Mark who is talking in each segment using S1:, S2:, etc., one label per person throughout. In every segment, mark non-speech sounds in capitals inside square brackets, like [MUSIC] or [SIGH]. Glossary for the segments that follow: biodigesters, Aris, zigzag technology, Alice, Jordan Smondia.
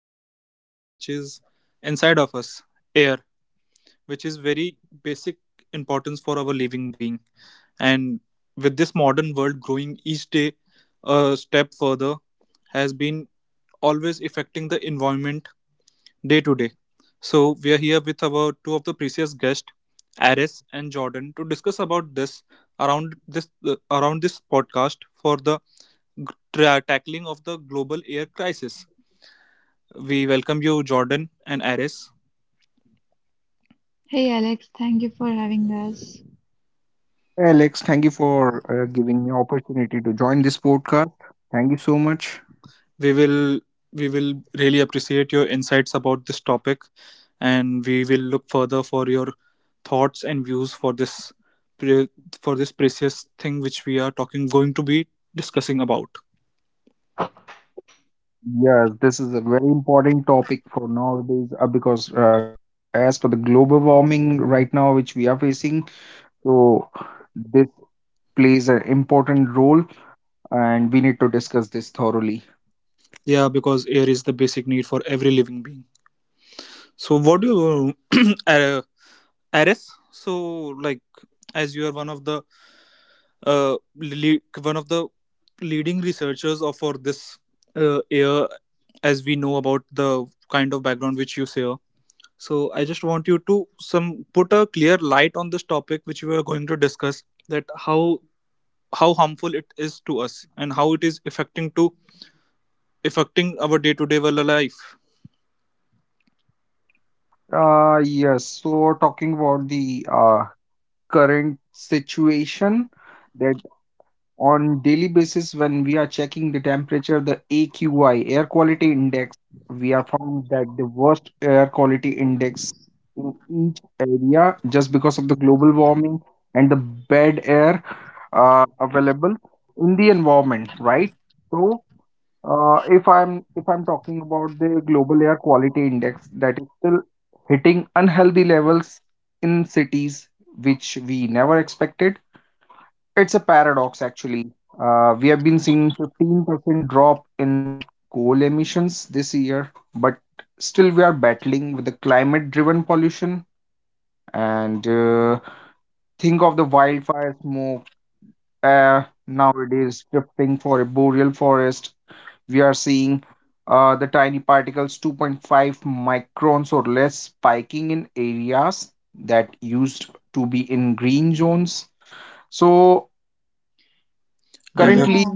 S1: talking about something which is inside of us air, which is very basic importance for our living being. And with this modern world growing each day a step further, has been always affecting the environment day to day. So we are here with our two of the previous guests, Aris and Jordan, to discuss about this around this around this podcast for the tackling of the global air crisis. We welcome you, Jordan and Aris.
S2: Hey Alex, thank you for having us.
S3: Hey, Alex, thank you for giving me opportunity to join this podcast. Thank you so much.
S1: We will we will really appreciate your insights about this topic, and we will look further for your thoughts and views for this pre- for this precious thing which we are talking going to be discussing about.
S3: Yes, this is a very important topic for nowadays because as per the global warming right now, which we are facing, so this plays an important role, and we need to discuss this thoroughly.
S1: Yeah, because air is the basic need for every living being. So, what do you, [CLEARS THROAT] Aris? So, like, as you are one of the one of the leading researchers of for this year, as we know about the kind of background which you share. So I just want you to some put a clear light on this topic which we are going to discuss that how harmful it is to us and how it is affecting to affecting our day to day life.
S3: Yes. So talking about the current situation that on daily basis when we are checking the temperature the aqi air quality index we are found that the worst air quality index in each area just because of the global warming and the bad air available in the environment, right? So If I'm talking about the global air quality index, that is still hitting unhealthy levels in cities which we never expected. It's a paradox, actually. We have been seeing 15% drop in coal emissions this year, but still we are battling with the climate-driven pollution. And think of the wildfire smoke nowadays drifting for a boreal forest. We are seeing the tiny particles 2.5 microns or less spiking in areas that used to be in green zones. So
S1: That
S3: currently
S2: Yeah,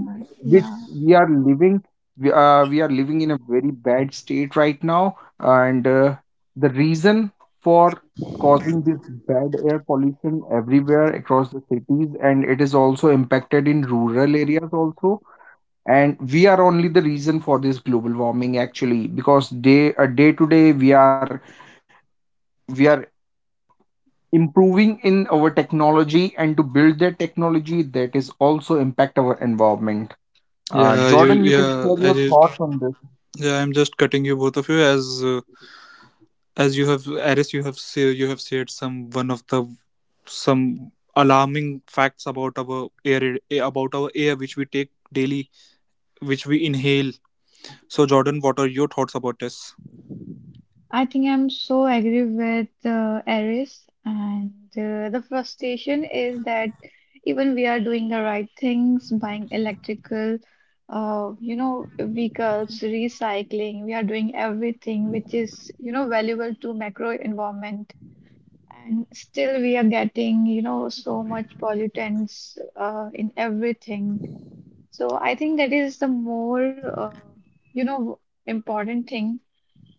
S3: which
S2: yeah.
S3: we are living, we are living in a very bad state right now, and the reason for causing this bad air pollution everywhere across the cities, and it is also impacted in rural areas also. And we are only the reason for this global warming, actually, because day to day we are improving in our technology, and to build that technology, that is also impact our environment.
S1: yeah, you
S3: Jordan, you can
S1: yeah
S3: share
S1: I
S3: your
S1: just
S3: thoughts on this.
S1: yeah I'm just cutting you, both of you, as you have Aris, you have say, you have shared some one of the some alarming facts about our air about our air, which we take daily, which we inhale. So Jordan, what are your thoughts about this?
S2: I think I'm so agree with Aris, and the frustration is that even we are doing the right things, buying electrical, vehicles, recycling. We are doing everything which is, valuable to macro environment, and still we are getting, so much pollutants in everything. So I think that is the more, uh, important thing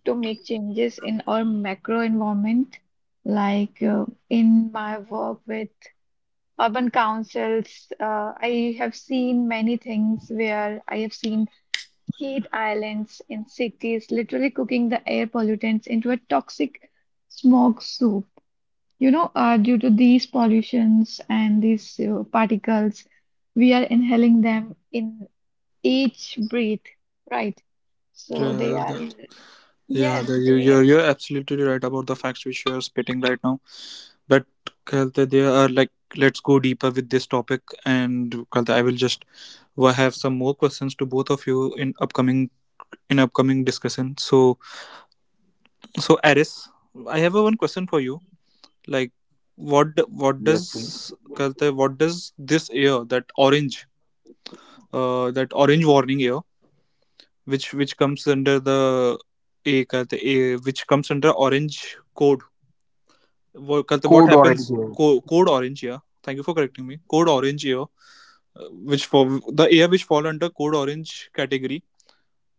S2: to make changes in our macro environment, like in my work with urban councils, I have seen many things where I have seen heat islands in cities literally cooking the air pollutants into a toxic smog soup. Due to these pollutions and these particles, we are inhaling them in each breathe, right? So
S1: Yeah,
S2: yes,
S1: you you're absolutely right about the facts which you are spitting right now. But Kalte, there are like let's go deeper with this topic, and Kalte, I will just, well, have some more questions to both of you in upcoming discussion. So, Aris, I have a one question for you. Like, what
S3: Yes,
S1: what
S3: please.
S1: does कहते हैं, what does this year that orange warning year which comes under the a, कहते हैं, a which comes under orange code, what, कहते हैं,
S3: Code
S1: what
S3: orange
S1: happens
S3: here.
S1: code orange year. Thank you for correcting me. Code orange year, uh, which for the air which fall under code orange category.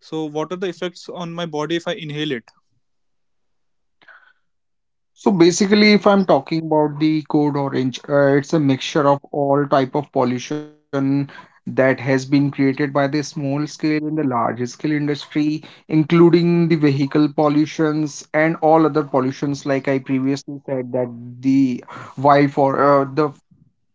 S1: So what are the effects on my body if I inhale it?
S3: So basically, if I'm talking about the code orange, it's a mixture of all type of pollution that has been created by the small scale and the large scale industry, including the vehicle pollutions and all other pollutions. Like I previously said, that the wild for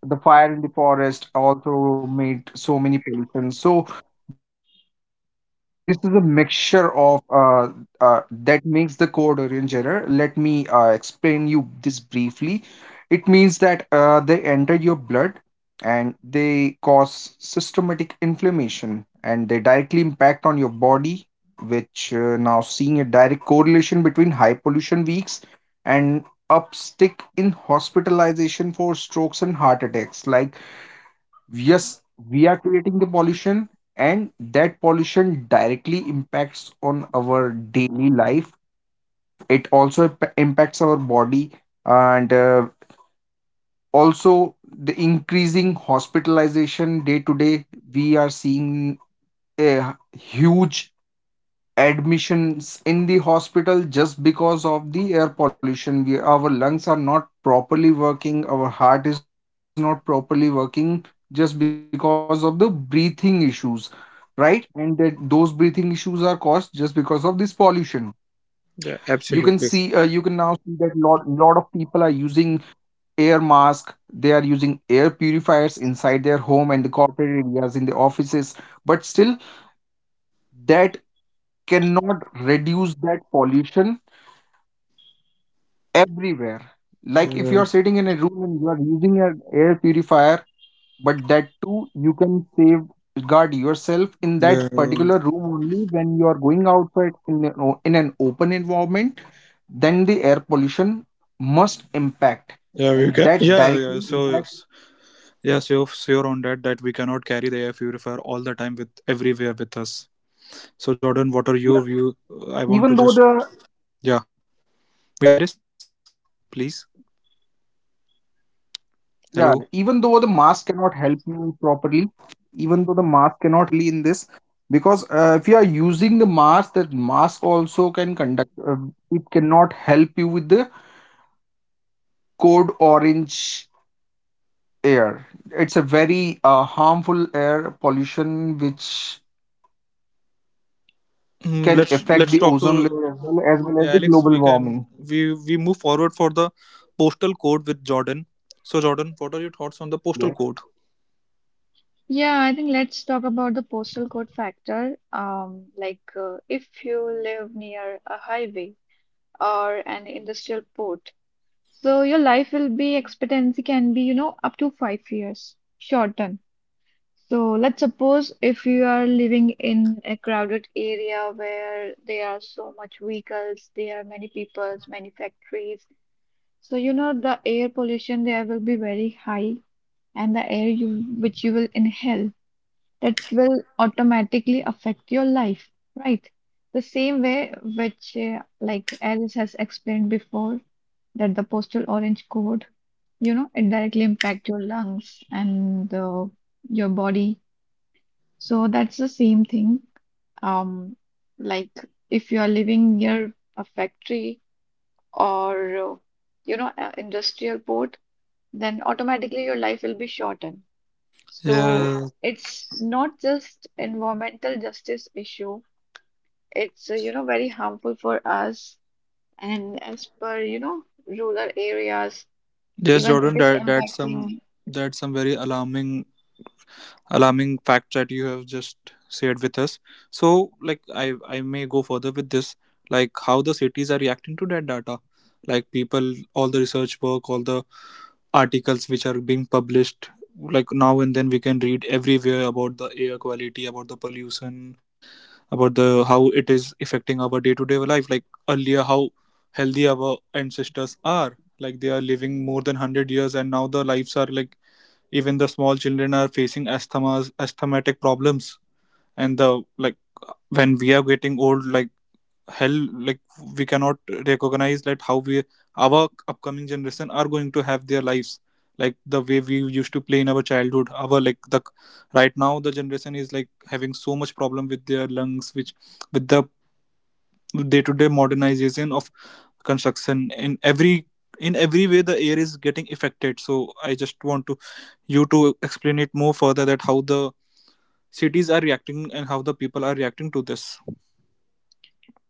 S3: the fire in the forest also made so many pollution. So this is a mixture of that makes the code orange error. Let me explain you this briefly. It means that they entered your blood and they cause systematic inflammation and they directly impact on your body, which now seeing a direct correlation between high pollution weeks and upstick in hospitalization for strokes and heart attacks. Like yes, we are creating the pollution, and that pollution directly impacts on our daily life. It also impacts our body, and also the increasing hospitalization day to day. We are seeing a huge admissions in the hospital just because of the air pollution. We our lungs are not properly working, our heart is not properly working, just because of the breathing issues, right? And that those breathing issues are caused just because of this pollution. You can
S1: Yeah,
S3: see you can
S1: absolutely.
S3: now see that lot of people are using air mask, they are using air purifiers inside their home and the corporate areas in the offices, but still that cannot reduce that pollution everywhere. Like if
S1: Yeah,
S3: you're sitting in a room and you are using an air purifier, but that too you can save guard yourself in that
S1: yeah.
S3: particular room only. When you are going outside in in an open environment, then the air pollution must impact,
S1: Yeah, we
S3: and
S1: can.
S3: that
S1: Yeah, yeah.
S3: directly
S1: So
S3: impact
S1: yes, yeah, so sure on that that we cannot carry the air purifier all the time with everywhere with us. So
S3: Yeah,
S1: Jordan, what are your view? I
S3: even
S1: want
S3: though
S1: to just,
S3: the
S1: yeah, yeah, Iris, please. Hello.
S3: Yeah, even though the mask cannot help you properly, even though the mask cannot really in this, because if you are using the mask, that mask also can conduct, it cannot help you with the code orange air. It's a very harmful air pollution which
S1: Mm,
S3: can
S1: let's
S3: affect
S1: let's
S3: the
S1: talk to,
S3: ozone layer, as well as, well
S1: yeah,
S3: as the
S1: Alex.
S3: global
S1: We can,
S3: warming.
S1: we move forward for the postal code with Jordan. So Jordan, what are your thoughts on the postal
S3: Yes.
S1: code?
S2: yeah, I think let's talk about the postal code factor. Like if you live near a highway or an industrial port, so your life will be expectancy can be, up to 5 years shortened. So let's suppose if you are living in a crowded area where there are so much vehicles, there are many peoples, many factories. So, the air pollution there will be very high, and the air you which you will inhale that will automatically affect your life, right? The same way which like Alice has explained before that the postal orange code, it directly impact your lungs and your body. So that's the same thing. Um, like if you are living near a factory or a industrial port then automatically your life will be shortened. So
S1: Yeah,
S2: it's not just environmental justice issue. It's very harmful for us, and as per rural areas,
S1: yes,
S2: even
S1: Jordan.
S2: it is
S1: That
S2: impacting.
S1: that's some very alarming facts that you have just shared with us. So like I may go further with this, like how the cities are reacting to that data, like people, all the research work, all the articles which are being published, like now and then we can read everywhere about the air quality, about the pollution, about the how it is affecting our day-to-day life. Like earlier how healthy our ancestors are, like they are living more than 100 years, and now the lives are like even the small children are facing asthmas, asthmatic problems, and the like when we are getting old, like hell, like we cannot recognize that how we, our upcoming generation, are going to have their lives like the way we used to play in our childhood, our, like the right now, the generation is like having so much problem with their lungs which, with the day to day modernization of construction, in every way the air is getting affected. So I just want to you to explain it more further, that how the cities are reacting and how the people are reacting to this.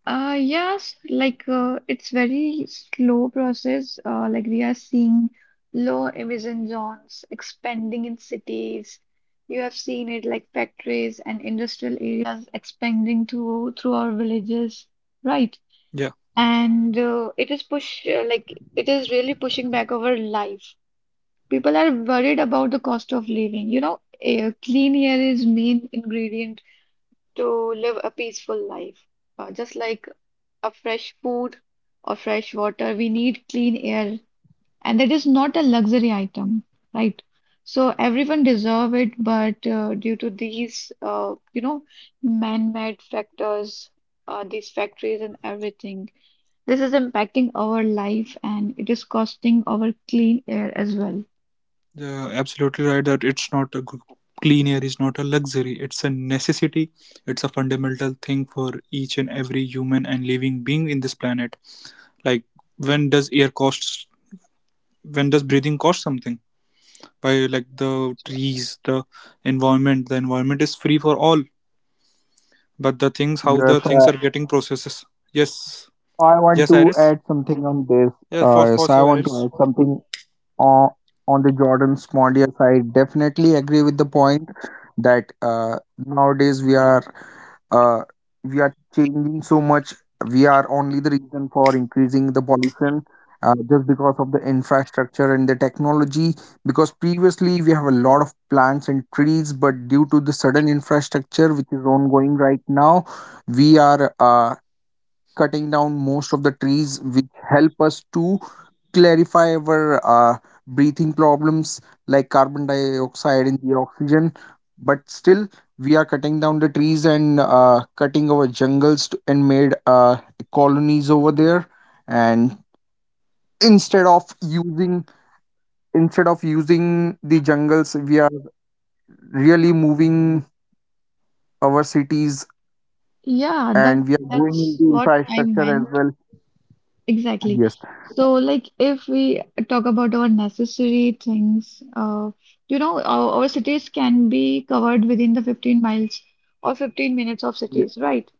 S2: Yes, like it's very slow process. Like we are seeing low emission zones expanding in cities. You have seen it like factories and industrial areas expanding to through our villages, right?
S1: Yeah.
S2: And it is push like it is really pushing back our life. People are worried about the cost of living. Clean air is main ingredient to live a peaceful life. Just like a fresh food or fresh water. We need clean air, and that is not a luxury item, right? So everyone deserve it, but due to these, man-made factors, these factories and everything, this is impacting our life, and it is costing our clean air as well.
S1: Yeah, absolutely right that it's not a clean air is not a luxury, it's a necessity. It's a fundamental thing for each and every human and living being in this planet. Like when does air costs, when does breathing cost something? By like the trees, the environment, is free for all. But the things, how
S3: Yes,
S1: the things are getting processes. Yes.
S3: I want
S1: Yes,
S3: to
S1: Iris?
S3: add something on this.
S1: Yeah, for
S3: Uh, yes, I
S1: sure,
S3: want to
S1: Iris.
S3: add something on on the Jordan Smondia side, definitely agree with the point that nowadays uh, we are changing so much. We are only the reason for increasing the pollution, just because of the infrastructure and the technology. Because previously we have a lot of plants and trees, but due to the sudden infrastructure which is ongoing right now, we are cutting down most of the trees which help us to clarify our breathing problems, like carbon dioxide in the oxygen. But still we are cutting down the trees and cutting our jungles to, and made colonies over there, and instead of using instead of using the jungles, we are really moving our cities,
S2: Yeah, that
S3: and we are going
S2: that's
S3: into
S2: what I
S3: infrastructure as
S2: meant.
S3: well.
S2: Exactly.
S3: Yes,
S2: So, like, if we talk about our necessary things, our cities can be covered within the 15 miles or 15 minutes of cities, right?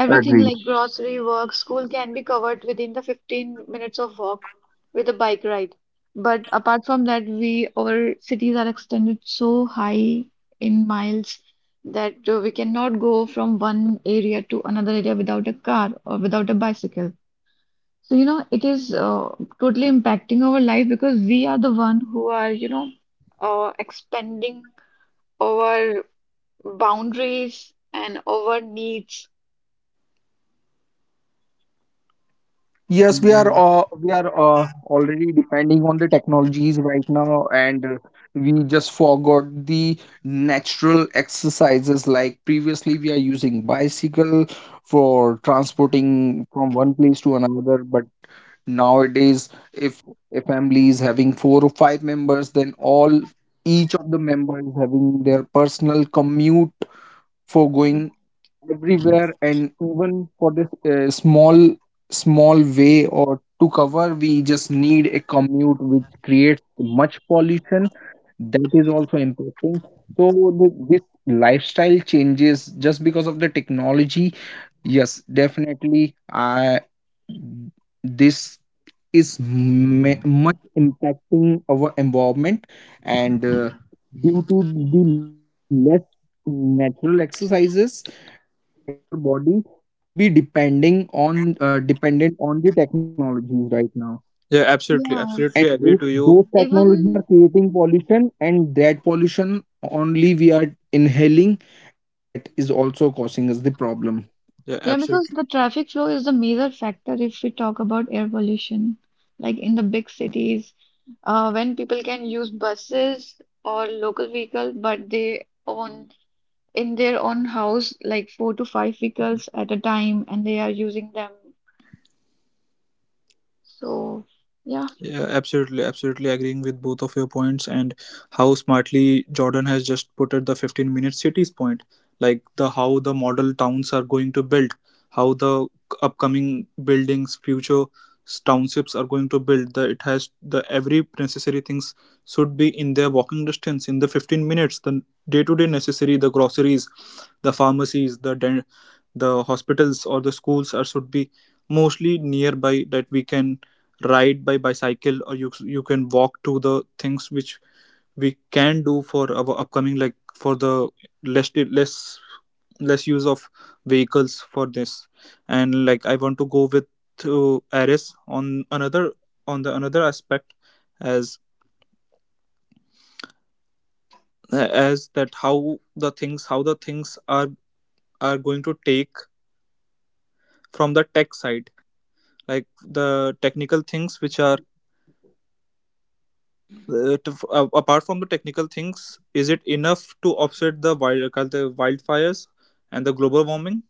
S2: Everything
S3: agree.
S2: like grocery, work, school can be covered within the 15 minutes of walk with a bike ride. But apart from that, we our cities are extended so high in miles that we cannot go from one area to another area without a car or without a bicycle. So, it is totally impacting our life because we are the one who are, expanding our boundaries and our needs.
S3: Yes, we
S1: Mm,
S3: are
S1: mm.
S3: uh, we are already depending on the technologies right now, and we just forgot the natural exercises. Like previously, we are using bicycle for transporting from one place to another, but nowadays, if a family is having four or five members, then all each of the members having their personal commute for going everywhere. And even for this small way or to cover, we just need a commute which creates much pollution, that is also impacting. So the, this lifestyle changes just because of the technology. Yes, definitely. I this is much impacting our environment, and due to the less natural exercises, it is also impacting our body, to be depending on dependent on the technologies right now.
S1: Yeah, absolutely.
S2: Yeah,
S3: And
S1: Absolutely agree to
S3: those
S1: you.
S3: technologies are
S2: even,
S3: creating pollution, and that pollution only we are inhaling, and that is also causing us the problem.
S1: Yeah,
S2: yeah, because
S1: absolutely.
S2: the traffic flow is the major factor if we talk about air pollution, like in the big cities, when people can use buses or local vehicle, but they own in their own house like four to five vehicles at a time and they are using them. So, yeah,
S1: Yeah, absolutely, absolutely agreeing with both of your points. And how smartly Jordan has just put at the 15-minute cities point, like the how the model towns are going to build, how the upcoming buildings, future townships are going to build. The it has the every necessary things should be in their walking distance in the 15 minutes. The day to day necessary, the groceries, the pharmacies, the the hospitals or the schools are should be mostly nearby, that we can ride by bicycle or you can walk to the things which we can do for our upcoming, like for the less less less use of vehicles for this. And like I want to go with, to Ares on another, on the another aspect, as that how the things, are going to take from the tech side, like the technical things which are, apart from the technical things, is it enough to offset the wild the wildfires and the global warming?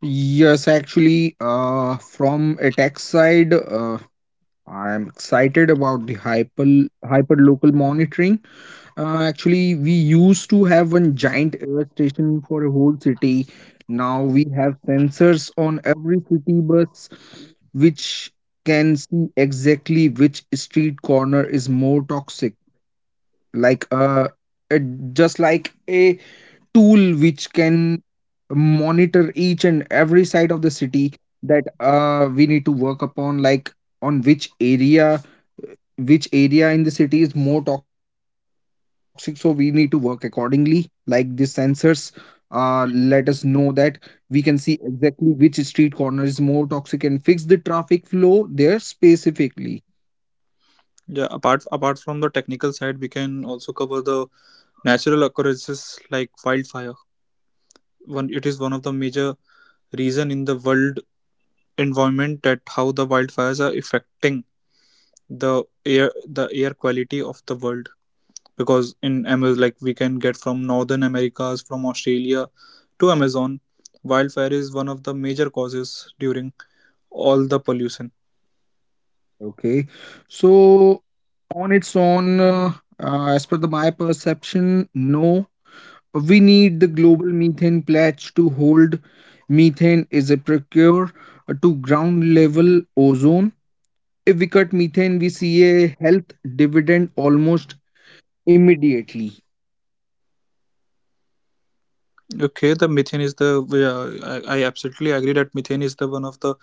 S3: Yes, actually, from a tech side, I'm excited about the hyper local monitoring. Actually, we used to have one giant air station for a whole city. Now we have sensors on every city bus, which can see exactly which street corner is more toxic. Like it, just like a tool which can monitor each and every side of the city, that we need to work upon, like on which area in the city is more toxic, so we need to work accordingly. Like the sensors let us know that we can see exactly which street corner is more toxic and fix the traffic flow there specifically.
S1: Yeah, apart from the technical side, we can also cover the natural occurrences like wildfire. One, it is one of the major reason in the world environment that how the wildfires are affecting the air quality of the world. Because in Amazon, like we can get from Northern Americas, from Australia to Amazon, wildfire is one of the major causes during all the pollution.
S3: Okay, so on its own as per the my perception, no. We need the global methane pledge to hold. Methane is a procure to ground level ozone. If we cut methane, we see a health dividend almost immediately.
S1: Okay, the methane is the I absolutely agree that methane is the one of the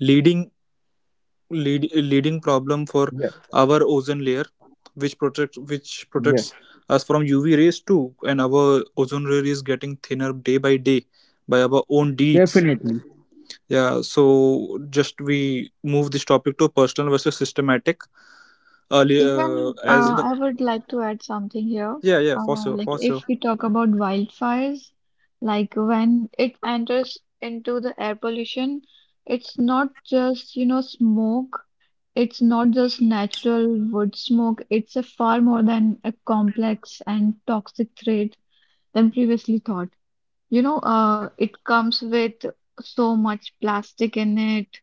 S1: leading leading problem for our
S3: Yes,
S1: ozone layer, which protects, us
S3: yes,
S1: from UV rays too, and our ozone layer is getting thinner day by day by our own deeds.
S3: definitely.
S1: Yeah, so just we move this topic to personal versus systematic, earlier
S2: even
S1: as the,
S2: I would
S3: Okay.
S2: like to add something here.
S1: yeah, yeah, for sure,
S2: Like
S1: for
S2: if
S1: sure.
S2: we talk about wildfires, like when it enters into the air pollution, it's not just, smoke. It's not just natural wood smoke. It's a far more than a complex and toxic threat than previously thought. It comes with so much plastic in it.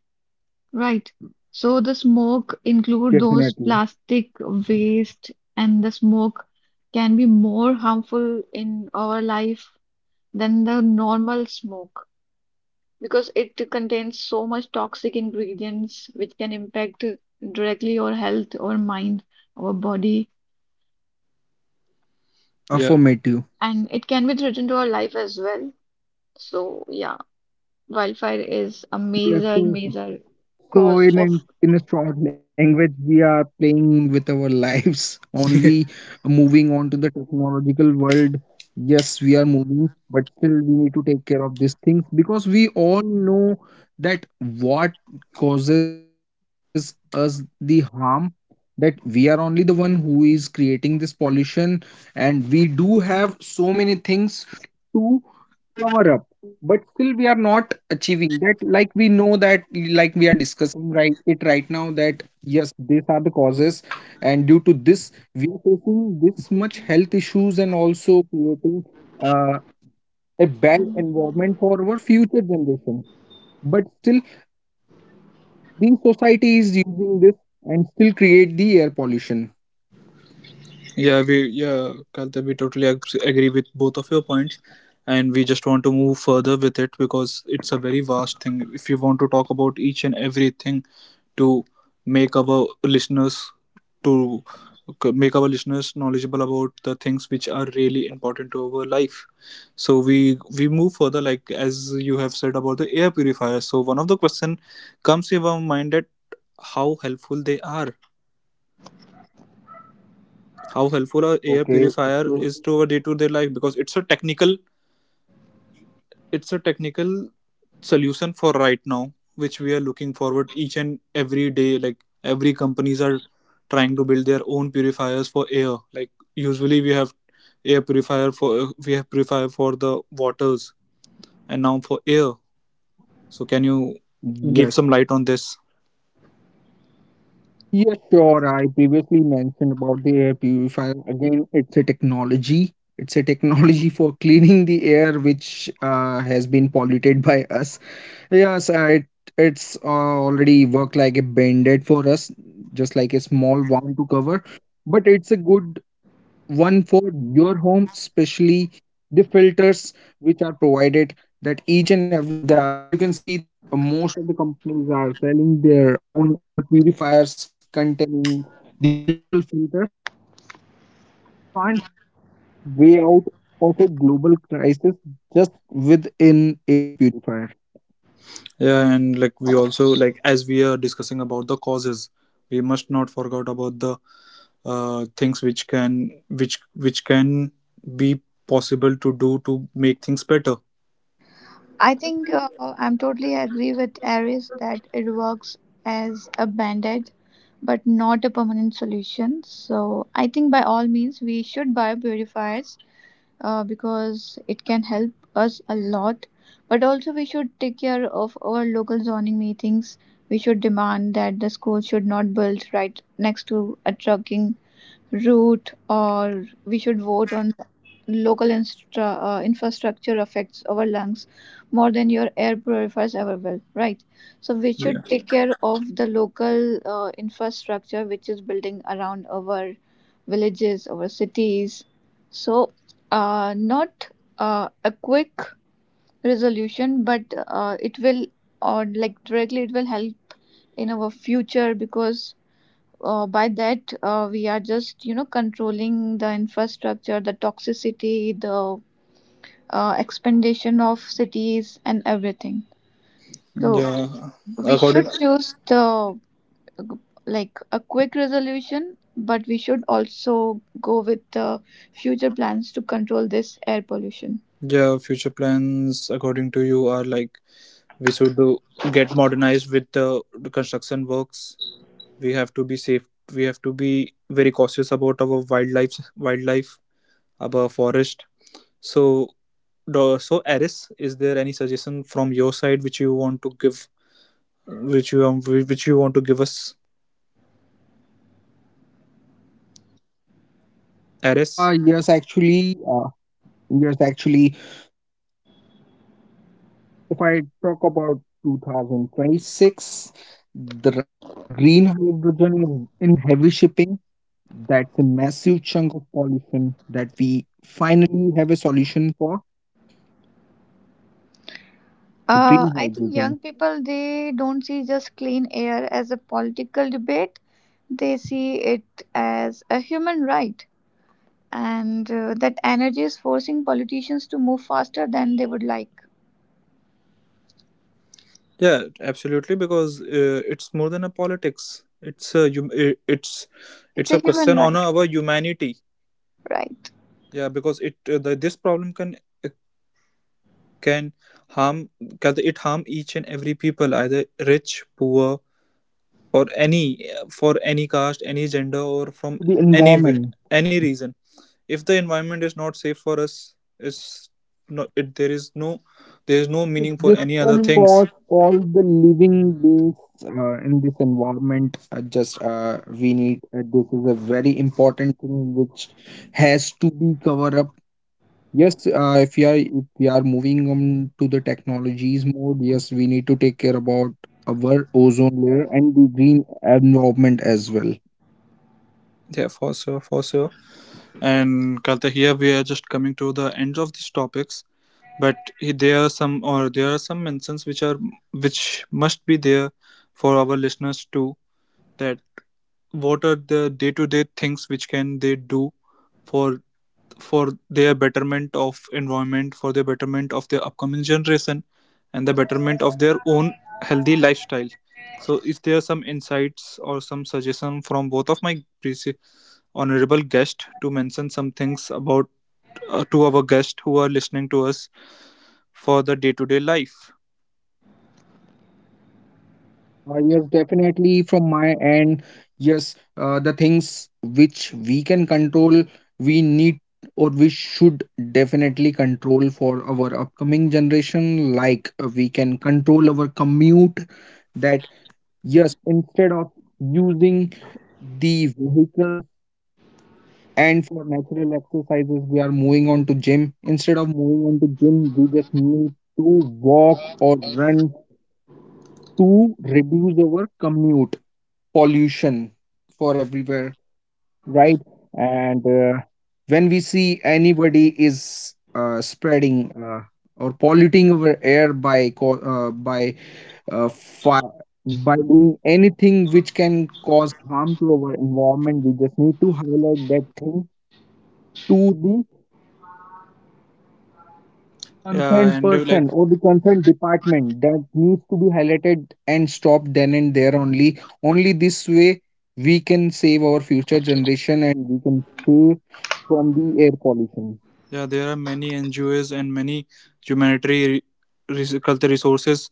S2: Right. So the smoke include
S3: Definitely.
S2: those plastic waste and the smoke can be more harmful in our life than the normal smoke because it contains so much toxic ingredients which can impact directly our health, our mind, our body,
S1: Yeah.
S3: Affirmative.
S2: and it can be threatened to our life as well. So yeah, wildfire is a
S3: Yes,
S2: major,
S3: so
S2: major
S3: so in
S2: cause of.
S3: in a strong language, we are playing with our lives. [LAUGHS] Only moving on to the technological world. Yes, we are moving, but still we need to take care of these things, because we all know that what causes us the harm. That we are only the one who is creating this pollution, and we do have so many things to cover up, but still we are not achieving that. Like we know that, like we are discussing right it right now, that yes, these are the causes, and due to this we are facing this much health issues and also creating uh, a bad environment for our future generation. But still the society is using this and still create the air pollution.
S1: Yeah, we, yeah, Kalta, we totally agree with both of your points, and we just want to move further with it because it's a very vast thing. If you want to talk about each and everything to make our listeners to make our listeners knowledgeable about the things which are really important to our life, so we move further. Like as you have said about the air purifiers, so one of the question comes to our mind that how helpful they are how helpful a
S3: Okay,
S1: air
S3: so
S1: purifier is to our day-to-day life. Because it's a technical, it's a technical solution for right now which we are looking forward each and every day, like every companies are trying to build their own purifiers for air. Like usually we have air purifier for, we have purifier for the waters and now for air. So can you
S3: yes.
S1: give some light on this?
S3: Yeah, sure. I previously mentioned about the air purifier. Again, it's a technology. It's a technology [LAUGHS] for cleaning the air which has been polluted by us. Yes, it's already worked like a band-aid for us, just like a small wound to cover. But it's a good one for your home, especially the filters which are provided. That each and every the you can see that most of the companies are selling their own air purifiers containing the multiple filters, but we can't purify our way out of a global crisis just with an air purifier.
S1: Yeah. And like, we also, like as we are discussing about the causes, we must not forget about the things which can be possible to do to make things better.
S2: I think I'm totally agree with Aries that it works as a band-aid, but not a permanent solution. So I think by all means we should buy purifiers because it can help us a lot. But also we should take care of our local zoning meetings. We should demand that the school should not build right next to a trucking route, or we should vote on local infrastructure affects our lungs more than your air purifiers ever will, right? So we should
S1: Yeah,
S2: take care of the local infrastructure which is building around our villages, our cities. So not a quick resolution, but it will, or like directly it will help in our future, because by that we are just controlling the infrastructure, the toxicity, the expansion of cities and everything. So
S1: yeah,
S2: we
S1: according,
S2: should choose the like a quick resolution, but we should also go with the future plans to control this air pollution.
S1: yeah, future plans according to you are, like, we should do, get modernized with the, construction works, we have to be safe, we have to be very cautious about our wildlife, our forest. So the- So, Aris, is there any suggestion from your side which you want to give, which you, which you want to give us, Aris?
S3: Uh yes actually uh yes actually so uh If I talk about 2026, the rise of green hydrogen is in heavy shipping. That's a massive chunk of pollution that we finally have a solution for,
S2: I
S3: the
S2: think young
S3: green
S2: people,
S3: hydrogen.
S2: they don't see just clean air as a political debate. They see it as a human right, and that energy is forcing politicians to move faster than they would like.
S1: Yeah, absolutely. Because it's more than a politics. It's a hum- i- it's
S2: It's
S1: it's a
S2: a human
S1: question on
S2: right,
S1: our humanity.
S2: right?
S1: Yeah, because it this problem uh, can harm, can it harm each and every people, either rich, poor, or any for any caste, any gender, or from
S3: The
S1: any
S3: environment.
S1: any reason. If the environment is not safe for us, it's no, it, there is no, meaning for
S3: This
S1: any other
S3: can
S1: things.
S3: cause all the living beings in this environment. Just We need this is a very important thing which has to be covered up. Yes, if we are moving on to the technologies mode, yes, we need to take care about our ozone layer and the green environment as well.
S1: Yeah, for sure, for sure. And Kalta, here we are just coming to the end of these topics, but there are some, or there are some mentions which are, which must be there for our listeners too. That what are the day-to-day things which can they do for their betterment of environment, for the betterment of their upcoming generation, and the betterment of their own healthy lifestyle. So, is there some insights or some suggestion from both of my preci- honorable guests to mention some things about, to our guests who are listening to us for the day-to-day life.
S3: Yes, definitely from my end, yes, the things which we can control, we need or we should definitely control for our upcoming generation. Like we can control our commute, that yes, instead of using the vehicles. And for natural exercises, we are moving on to gym. Instead of moving on to gym, we just need to walk or run to reduce our commute pollution for everywhere, right? And when we see anybody is spreading or polluting our air by by fire, by doing anything which can cause harm to our environment, we just need to highlight that thing to the
S1: Yeah,
S3: concerned
S1: and like,
S3: person or the concerned department, that needs to be highlighted and stopped then and there only. Only this way we can save our future generation, and we can save from the air pollution.
S1: yeah, there are many NGOs and many humanitarian, cultural resources,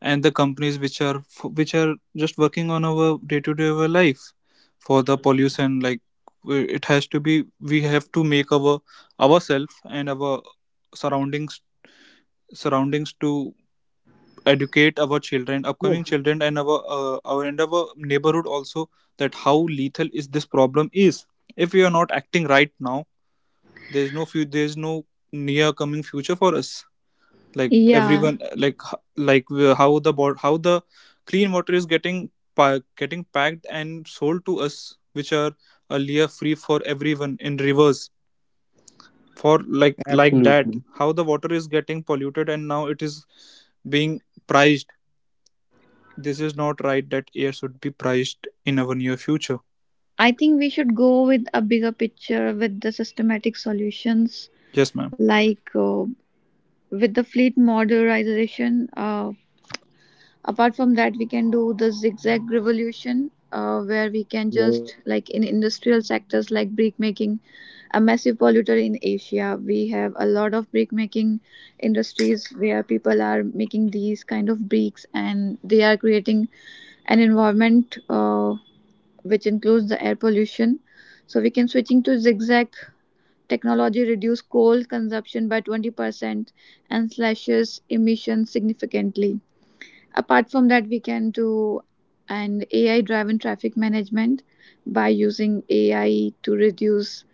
S1: and the companies which are, which are just working on our day-to-day, our life for the pollution. Like it has to be, we have to make our ourselves and our surroundings, to educate our
S3: Yes,
S1: children, upcoming children, and our, our and our neighborhood also, that how lethal is this problem is. If we are not acting right now, there is no few, there is no near coming future for us. Like
S2: Yeah,
S1: everyone, like like how the bot how the clean water is getting getting packed and sold to us, which are earlier free for everyone in rivers. For like,
S3: absolutely.
S1: that how the water is getting polluted and now it is being priced. This is not right that air should be priced in our near future.
S2: I think we should go with a bigger picture with the systematic solutions,
S1: Yes, ma'am.
S2: like with the fleet modernization. Apart from that, we can do the zigzag revolution, where we
S3: Yes.
S2: can just like in industrial sectors like brick making, a massive polluter in Asia. We have a lot of brick making industries where people are making these kind of bricks and they are creating an environment which includes the air pollution. So we can switching to zigzag technology reduce coal consumption by 20% and slashes emissions significantly. Apart from that, we can do an AI driven traffic management by using AI to reduce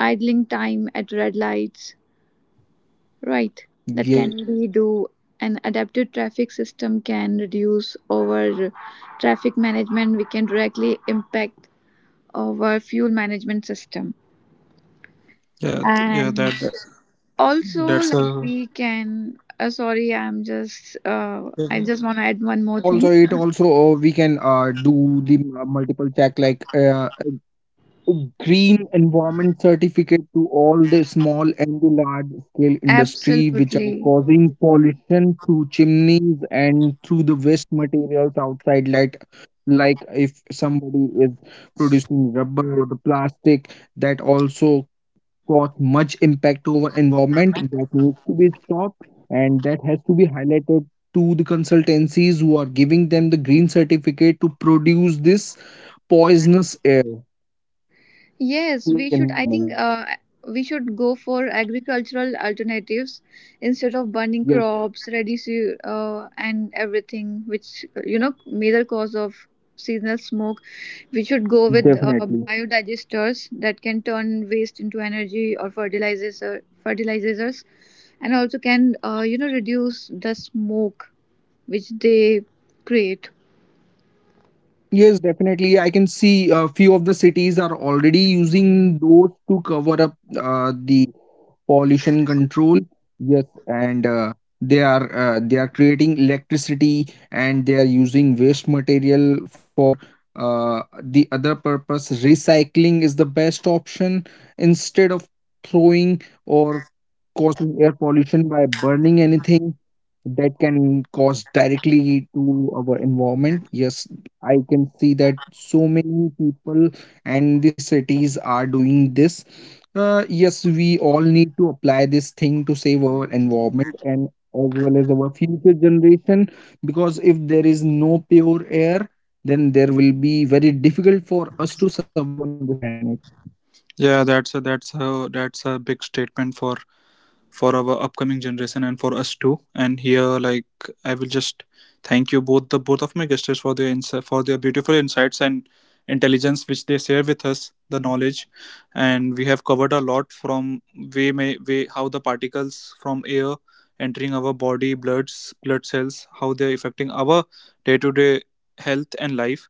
S2: idling time at red lights, right? That
S3: Yes,
S2: can be do an
S3: agree.
S2: adaptive traffic system can reduce our traffic management. We can directly impact our fuel management system.
S1: Yeah, yeah, that,
S2: And
S1: that's
S2: also,
S1: a
S2: like we can, sorry, I just want to add one
S3: Yes,
S2: more
S3: also
S2: thing.
S3: it also we can do the multiple check, like green environment certificate to all the small and the large scale industry which are
S2: Absolutely.
S3: causing pollution through chimneys and through the waste materials outside. Like if somebody is producing rubber or the plastic, that also cause much impact over environment. That needs to be stopped and that has to be highlighted to the consultancies who are giving them the green certificate to produce this poisonous air in
S2: Yes,
S3: the
S2: we should. I
S3: environment.
S2: think we should go for agricultural alternatives instead of burning
S3: Yes,
S2: crops, reducing and everything, which major cause of seasonal smoke. We should go with
S3: definitely.
S2: biodigesters that can turn waste into energy or fertilizers, and also can reduce the smoke which they create.
S3: Yes, definitely. I can see a few of the cities are already using those to cover up the pollution control. Yes, and they are creating electricity and they are using waste material for the other purpose. Recycling is the best option instead of throwing or causing air pollution by burning anything that can cause directly to our environment. Yes, I can see that so many people and the cities are doing this. Yes, we all need to apply this thing to save our environment, and as well as our future generation, because if there is no pure air, then there will be very difficult for us to survive on this planet.
S1: yeah, that's a big statement for our upcoming generation and for us too. And here, like, I will just thank you both, the both of my guests, for their insight, for their beautiful insights and intelligence which they share with us, the knowledge. And we have covered a lot from, way, may way, how the particles from air entering our body, bloods, blood cells, how they are affecting our day to day health and life,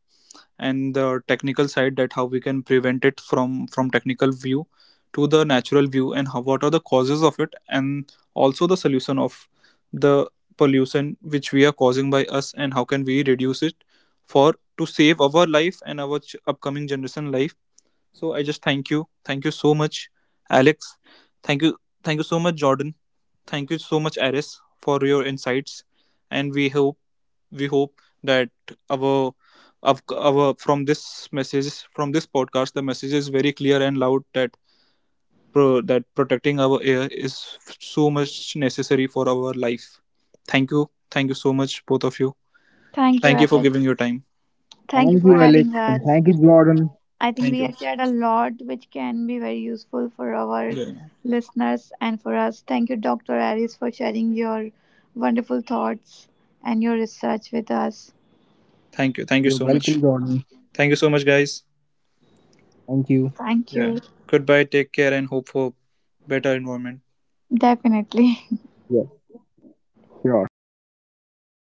S1: and the technical side, that how we can prevent it from technical view to the natural view, and how, what are the causes of it, and also the solution of the pollution which we are causing by us, and how can we reduce it for to save our life and our upcoming generation life. So I just thank you, thank you so much, Alex. Thank you, thank you so much, Jordan. Thank you so much, Aris, for your insights. And we hope, we hope that our, of our, from this message, from this podcast, the message is very clear and loud, that that protecting our air is so much necessary for our life. Thank you. Thank you so much, both of you.
S2: Thank you,
S1: Thank you for giving
S2: Alex.
S1: your time.
S3: Thank
S2: Thank you
S3: you,
S2: for
S3: Alex,
S2: having
S3: and thank you,
S2: us.
S3: Jordan.
S2: I think
S1: Thank
S2: we
S1: you.
S2: have shared a lot which can be very useful for our
S1: Yeah.
S2: listeners and for us. Thank you, Dr. Aris, for sharing your wonderful thoughts and your research with us.
S1: Thank you. Thank
S3: You're
S1: you so
S3: welcome,
S1: much.
S3: Jordan.
S1: Thank you so much, guys.
S3: Thank you.
S2: Thank
S1: Yeah,
S2: you.
S1: goodbye, take care, and hope for better environment.
S2: Definitely. [LAUGHS]
S3: Yes, sure.